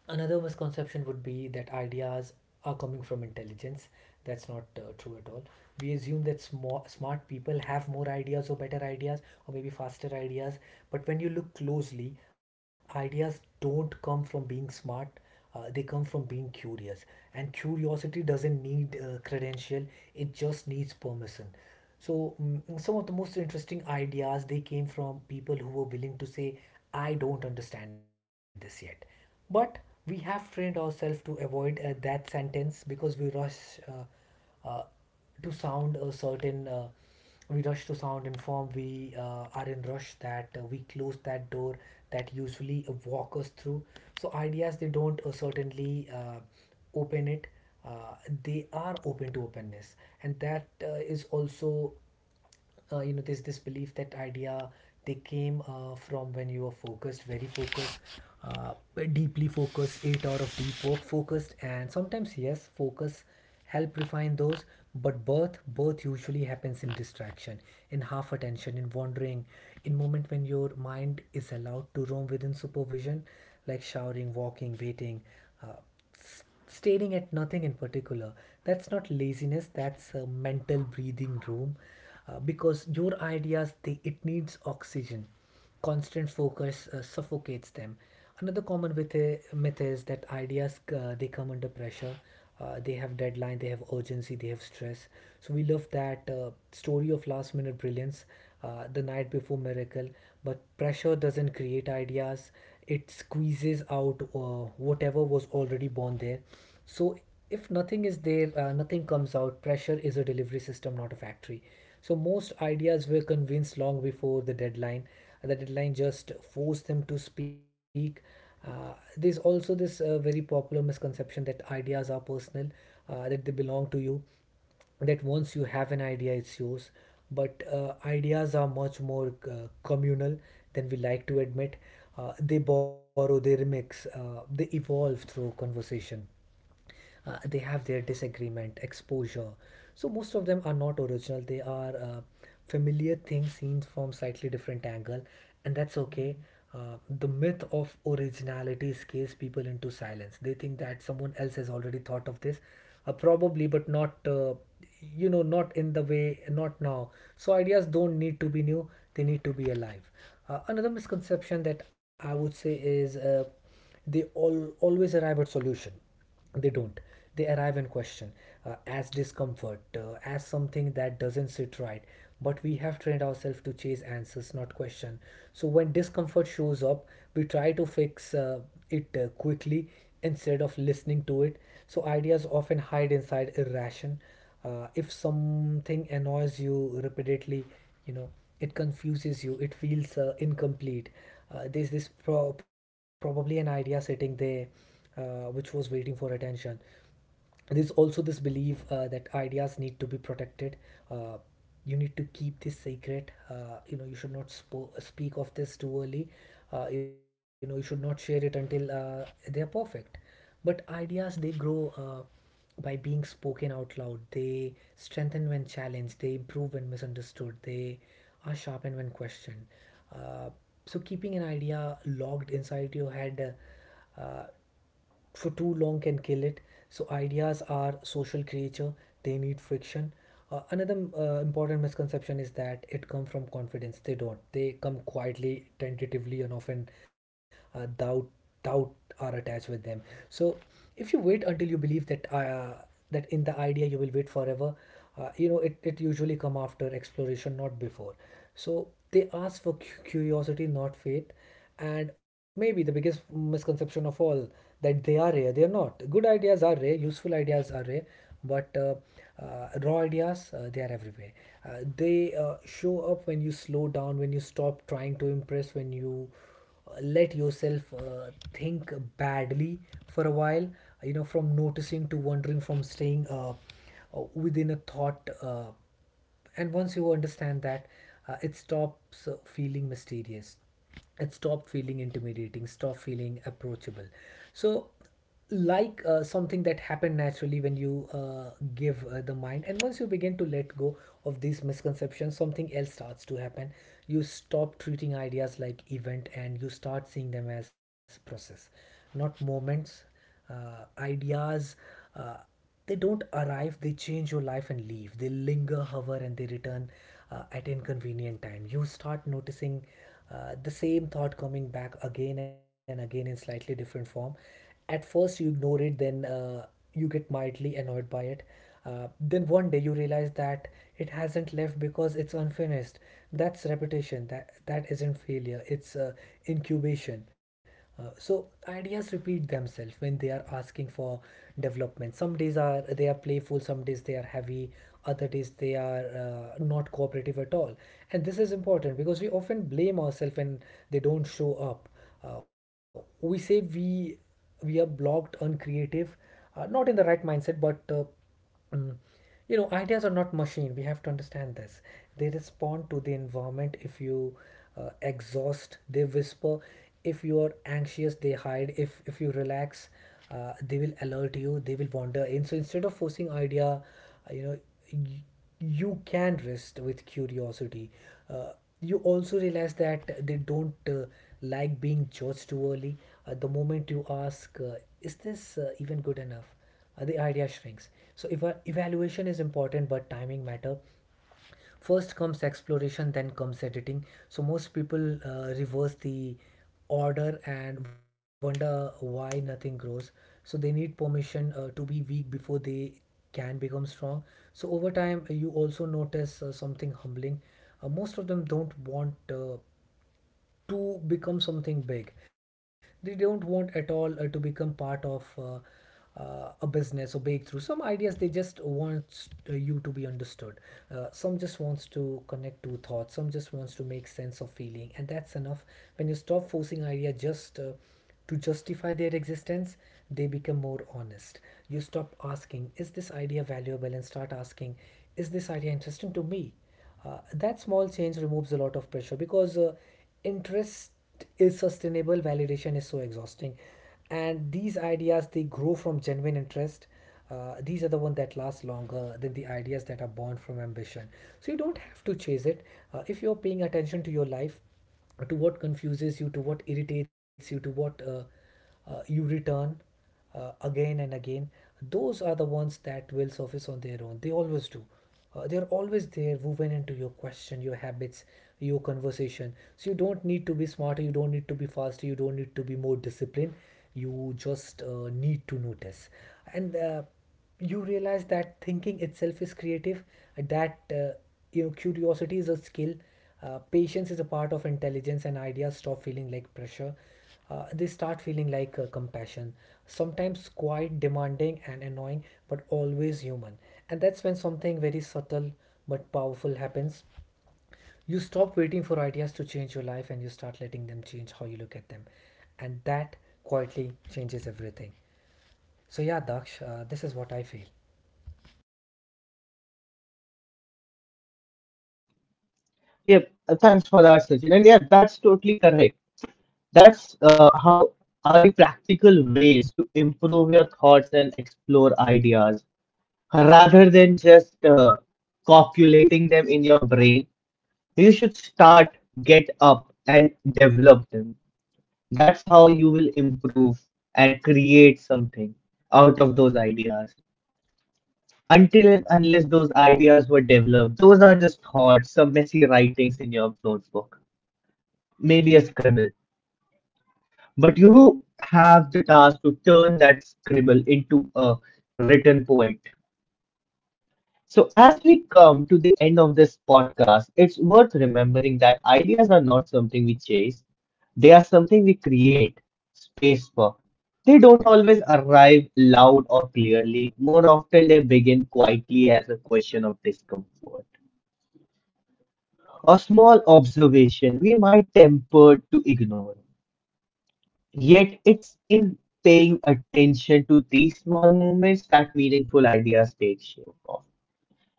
Speaker 2: Another misconception would be that ideas are coming from intelligence. That's not true at all. We assume that small, smart people have more ideas or better ideas or maybe faster ideas. But when you look closely, ideas don't come from being smart, they come from being curious. And curiosity doesn't need credential, it just needs permission. So some of the most interesting ideas, they came from people who were willing to say, "I don't understand this yet." But we have trained ourselves to avoid that sentence, because we rush to sound a certain we rush to sound in, we are in rush that we close that door that usually walk us through. So ideas they don't certainly open it. uh, they are open to openness. And that is also, this belief that idea they came from when you are focused, very focused, uh, deeply focused, 8 hour of deep work focused. And sometimes, yes, focus help refine those. But birth usually happens in distraction, in half attention, in wandering, in moment when your mind is allowed to roam within supervision, like showering, walking, waiting, uh, staring at nothing in particular. That's not laziness, that's a mental breathing room. Because your ideas, they it needs oxygen. Constant focus suffocates them. Another common myth, myth is that ideas they come under pressure, they have deadline, they have urgency, they have stress. So we love that story of last minute brilliance, the night before miracle. But pressure doesn't create ideas, it squeezes out whatever was already born there. So if nothing is there, nothing comes out. Pressure is a delivery system, not a factory. So most ideas were convinced long before the deadline, the deadline just forced them to speak. There's also this very popular misconception that ideas are personal, that they belong to you, that once you have an idea, it's yours. But ideas are much more communal than we like to admit. They borrow, they remix, they evolve through conversation, they have their disagreement exposure. So most of them are not original, they are familiar things seen from slightly different angle. And that's okay. The myth of originality scares people into silence. They think that someone else has already thought of this, probably, but not, not in the way, not now. So ideas don't need to be new, they need to be alive. Another misconception that I would say is, they all always arrive at solution. They don't. They arrive in question, as discomfort, as something that doesn't sit right. But we have trained ourselves to chase answers, not question. So when discomfort shows up, we try to fix it quickly, instead of listening to it. So ideas often hide inside irration. If something annoys you repeatedly, you know it confuses you, it feels incomplete. There's this, probably, an idea sitting there which was waiting for attention. There's also this belief that ideas need to be protected. uh, you need to keep this secret, you should not speak of this too early, you should not share it until they're perfect. But ideas, they grow by being spoken out loud. They strengthen when challenged, they improve when misunderstood, they are sharpened when questioned. Uh, so, keeping an idea locked inside your head uh, uh, for too long can kill it. So, ideas are social creature, they need friction. Another important misconception is that it comes from confidence. They don't. They come quietly, tentatively, and often doubt, doubt are attached with them. So, if you wait until you believe that, that in the idea, you will wait forever. It usually come after exploration, not before. So they ask for curiosity, not faith. And maybe the biggest misconception of all, that they are rare. They're not. Good ideas are rare, useful ideas are rare, but raw ideas, they are everywhere. They show up when you slow down, when you stop trying to impress, when you let yourself think badly for a while. From noticing to wondering, from staying within a thought. And once you understand that, it stops feeling mysterious, it stopped feeling intimidating, stop feeling approachable. So, like something that happened naturally when you give the mind. And once you begin to let go of these misconceptions, something else starts to happen. You stop treating ideas like event, and you start seeing them as process, not moments. Ideas, uh, they don't arrive, they change your life and leave, they linger, hover, and they return at inconvenient time. You start noticing the same thought coming back again and again in slightly different form. At first you ignore it, then you get mildly annoyed by it. Then one day you realize that it hasn't left because it's unfinished. That's repetition. That that isn't failure, it's incubation. So ideas repeat themselves when they are asking for development. Some days are they are playful, some days they are heavy, other days they are not cooperative at all. And this is important because we often blame ourselves when they don't show up. We say we are blocked, uncreative, not in the right mindset, but Mm. You know, ideas are not machine. We have to understand this. They respond to the environment. If you exhaust, they whisper. If you are anxious, they hide. If you relax, they will alert you. They will wander in. So instead of forcing idea, y- you can rest with curiosity. Uh, you also realize that they don't like being judged too early. The moment you ask, "Is this even good enough?" The idea shrinks. So if evaluation is important, but timing matter. First comes exploration, then comes editing. So most people reverse the order and wonder why nothing grows. So they need permission to be weak before they can become strong. So over time, you also notice something humbling. Most of them don't want to become something big, they don't want at all to become part of a business or breakthrough. Some ideas they just want you to be understood. Some just wants to connect two thoughts, some just wants to make sense of feeling. And that's enough. When you stop forcing idea just to justify their existence, they become more honest. You stop asking, is this idea valuable, and start asking, is this idea interesting to me. That small change removes a lot of pressure, because interest is sustainable, validation is so exhausting, and these ideas they grow from genuine interest. These are the ones that last longer than the ideas that are born from ambition. So you don't have to chase it. If you're paying attention to your life, to what confuses you, to what irritates you, to what you return again and again, those are the ones that will surface on their own. They always do. They are always there, woven into your question, your habits, your conversation. So you don't need to be smarter, you don't need to be faster, you don't need to be more disciplined. You just need to notice. And you realize that thinking itself is creative, that curiosity is a skill, patience is a part of intelligence, and ideas stop feeling like pressure, they start feeling like compassion, sometimes quite demanding and annoying, but always human. And that's when something very subtle but powerful happens. You stop waiting for ideas to change your life, and you start letting them change how you look at them. And that quietly changes everything. So yeah, Daksh, this is what I feel.
Speaker 1: Yep, thanks for that, Sachin. And yeah, that's totally correct. That's how are the practical ways to improve your thoughts and explore ideas rather than just copulating them in your brain. You should start, get up, and develop them. That's how you will improve and create something out of those ideas. Until and unless those ideas were developed, those are just thoughts, some messy writings in your notebook, maybe a scribble. But you have the task to turn that scribble into a written poet. So, as we come to the end of this podcast, it's worth remembering that ideas are not something we chase, they are something we create space for. They don't always arrive loud or clearly. More often, they begin quietly as a question of discomfort. A small observation we might temper to ignore. Yet it's in paying attention to these small movements that meaningful ideas take shape of.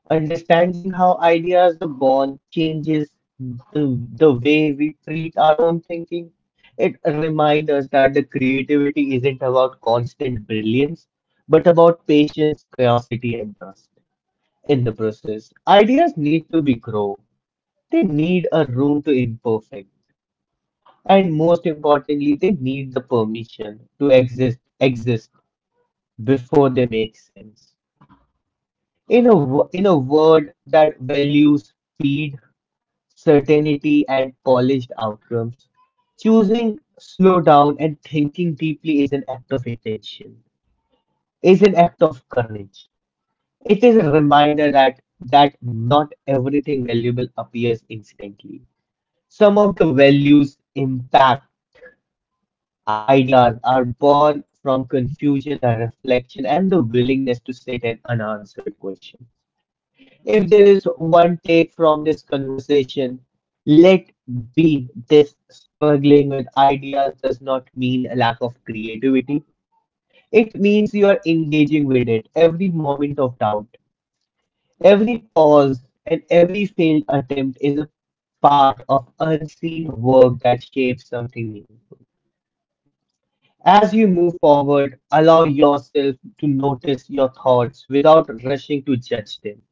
Speaker 1: Understanding how ideas are born changes the way we treat our own thinking. It reminds us that the creativity isn't about constant brilliance, but about patience, curiosity, and trust in the process. Ideas need to be grow, they need a room to imperfect. And most importantly, they need the permission to exist before they make sense. In a in a world that values speed, certainty, and polished outcomes, choosing slow down and thinking deeply is an act of intention, is an act of courage. It is a reminder that not everything valuable appears instantly. Some of the values impact. Ideas are born from confusion and reflection and the willingness to sit in unanswered questions. If there is one take from this conversation, let be this: struggling with ideas does not mean a lack of creativity. It means you are engaging with it. Every moment of doubt, every pause, and every failed attempt is a part of unseen work that shapes something meaningful. As you move forward, allow yourself to notice your thoughts without rushing to judge them.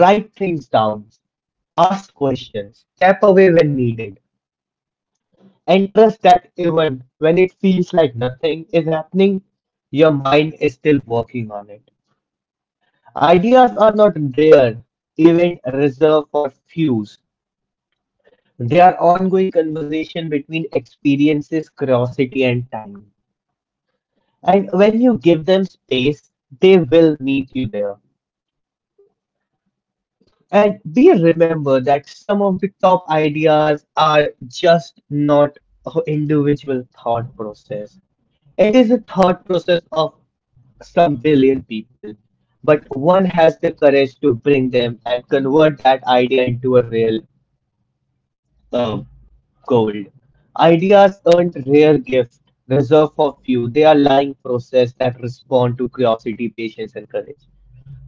Speaker 1: Write things down, ask questions, step away when needed, and trust that even when it feels like nothing is happening, your mind is still working on it. Ideas are not rare event reserved for few. They are ongoing conversation between experiences, curiosity, and time. And when you give them space, they will meet you there. And we remember that some of the top ideas are just not an individual thought process. It is a thought process of some billion people, but one has the courage to bring them and convert that idea into a real uh, gold. Ideas aren't rare gift reserved for few. They are lying process that respond to curiosity, patience, and courage.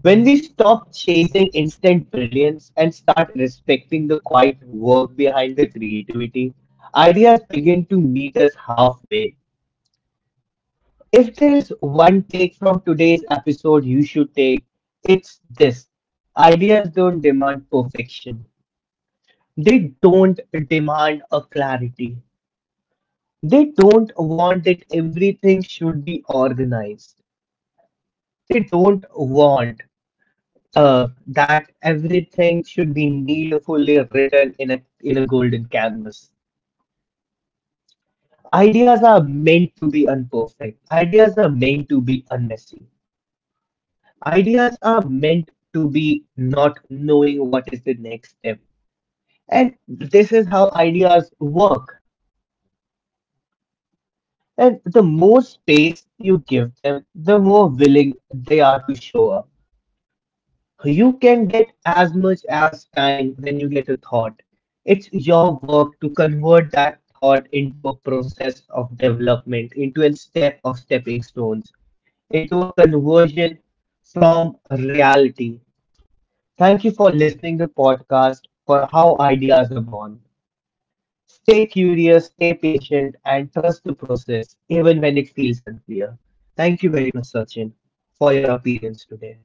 Speaker 1: When we stop chasing instant brilliance and start respecting the quiet work behind the creativity, ideas begin to meet us halfway. If there is one take from today's episode you should take, it's this: ideas don't demand perfection, they don't demand a clarity, they don't want that everything should be organized, they don't want that everything should be needfully written in a golden canvas. Ideas are meant to be imperfect. Ideas are meant to be unmessy. Ideas are meant to be not knowing what is the next step. And this is how ideas work. And the more space you give them, the more willing they are to show up. You can get as much as time when you get a thought. It's your work to convert that thought into a process of development, into a step of stepping stones, into a conversion from a reality. Thank you for listening to the podcast for how ideas are born. Stay curious, stay patient, and trust the process, even when it feels unclear. Thank you very much, Sachin, for your appearance today.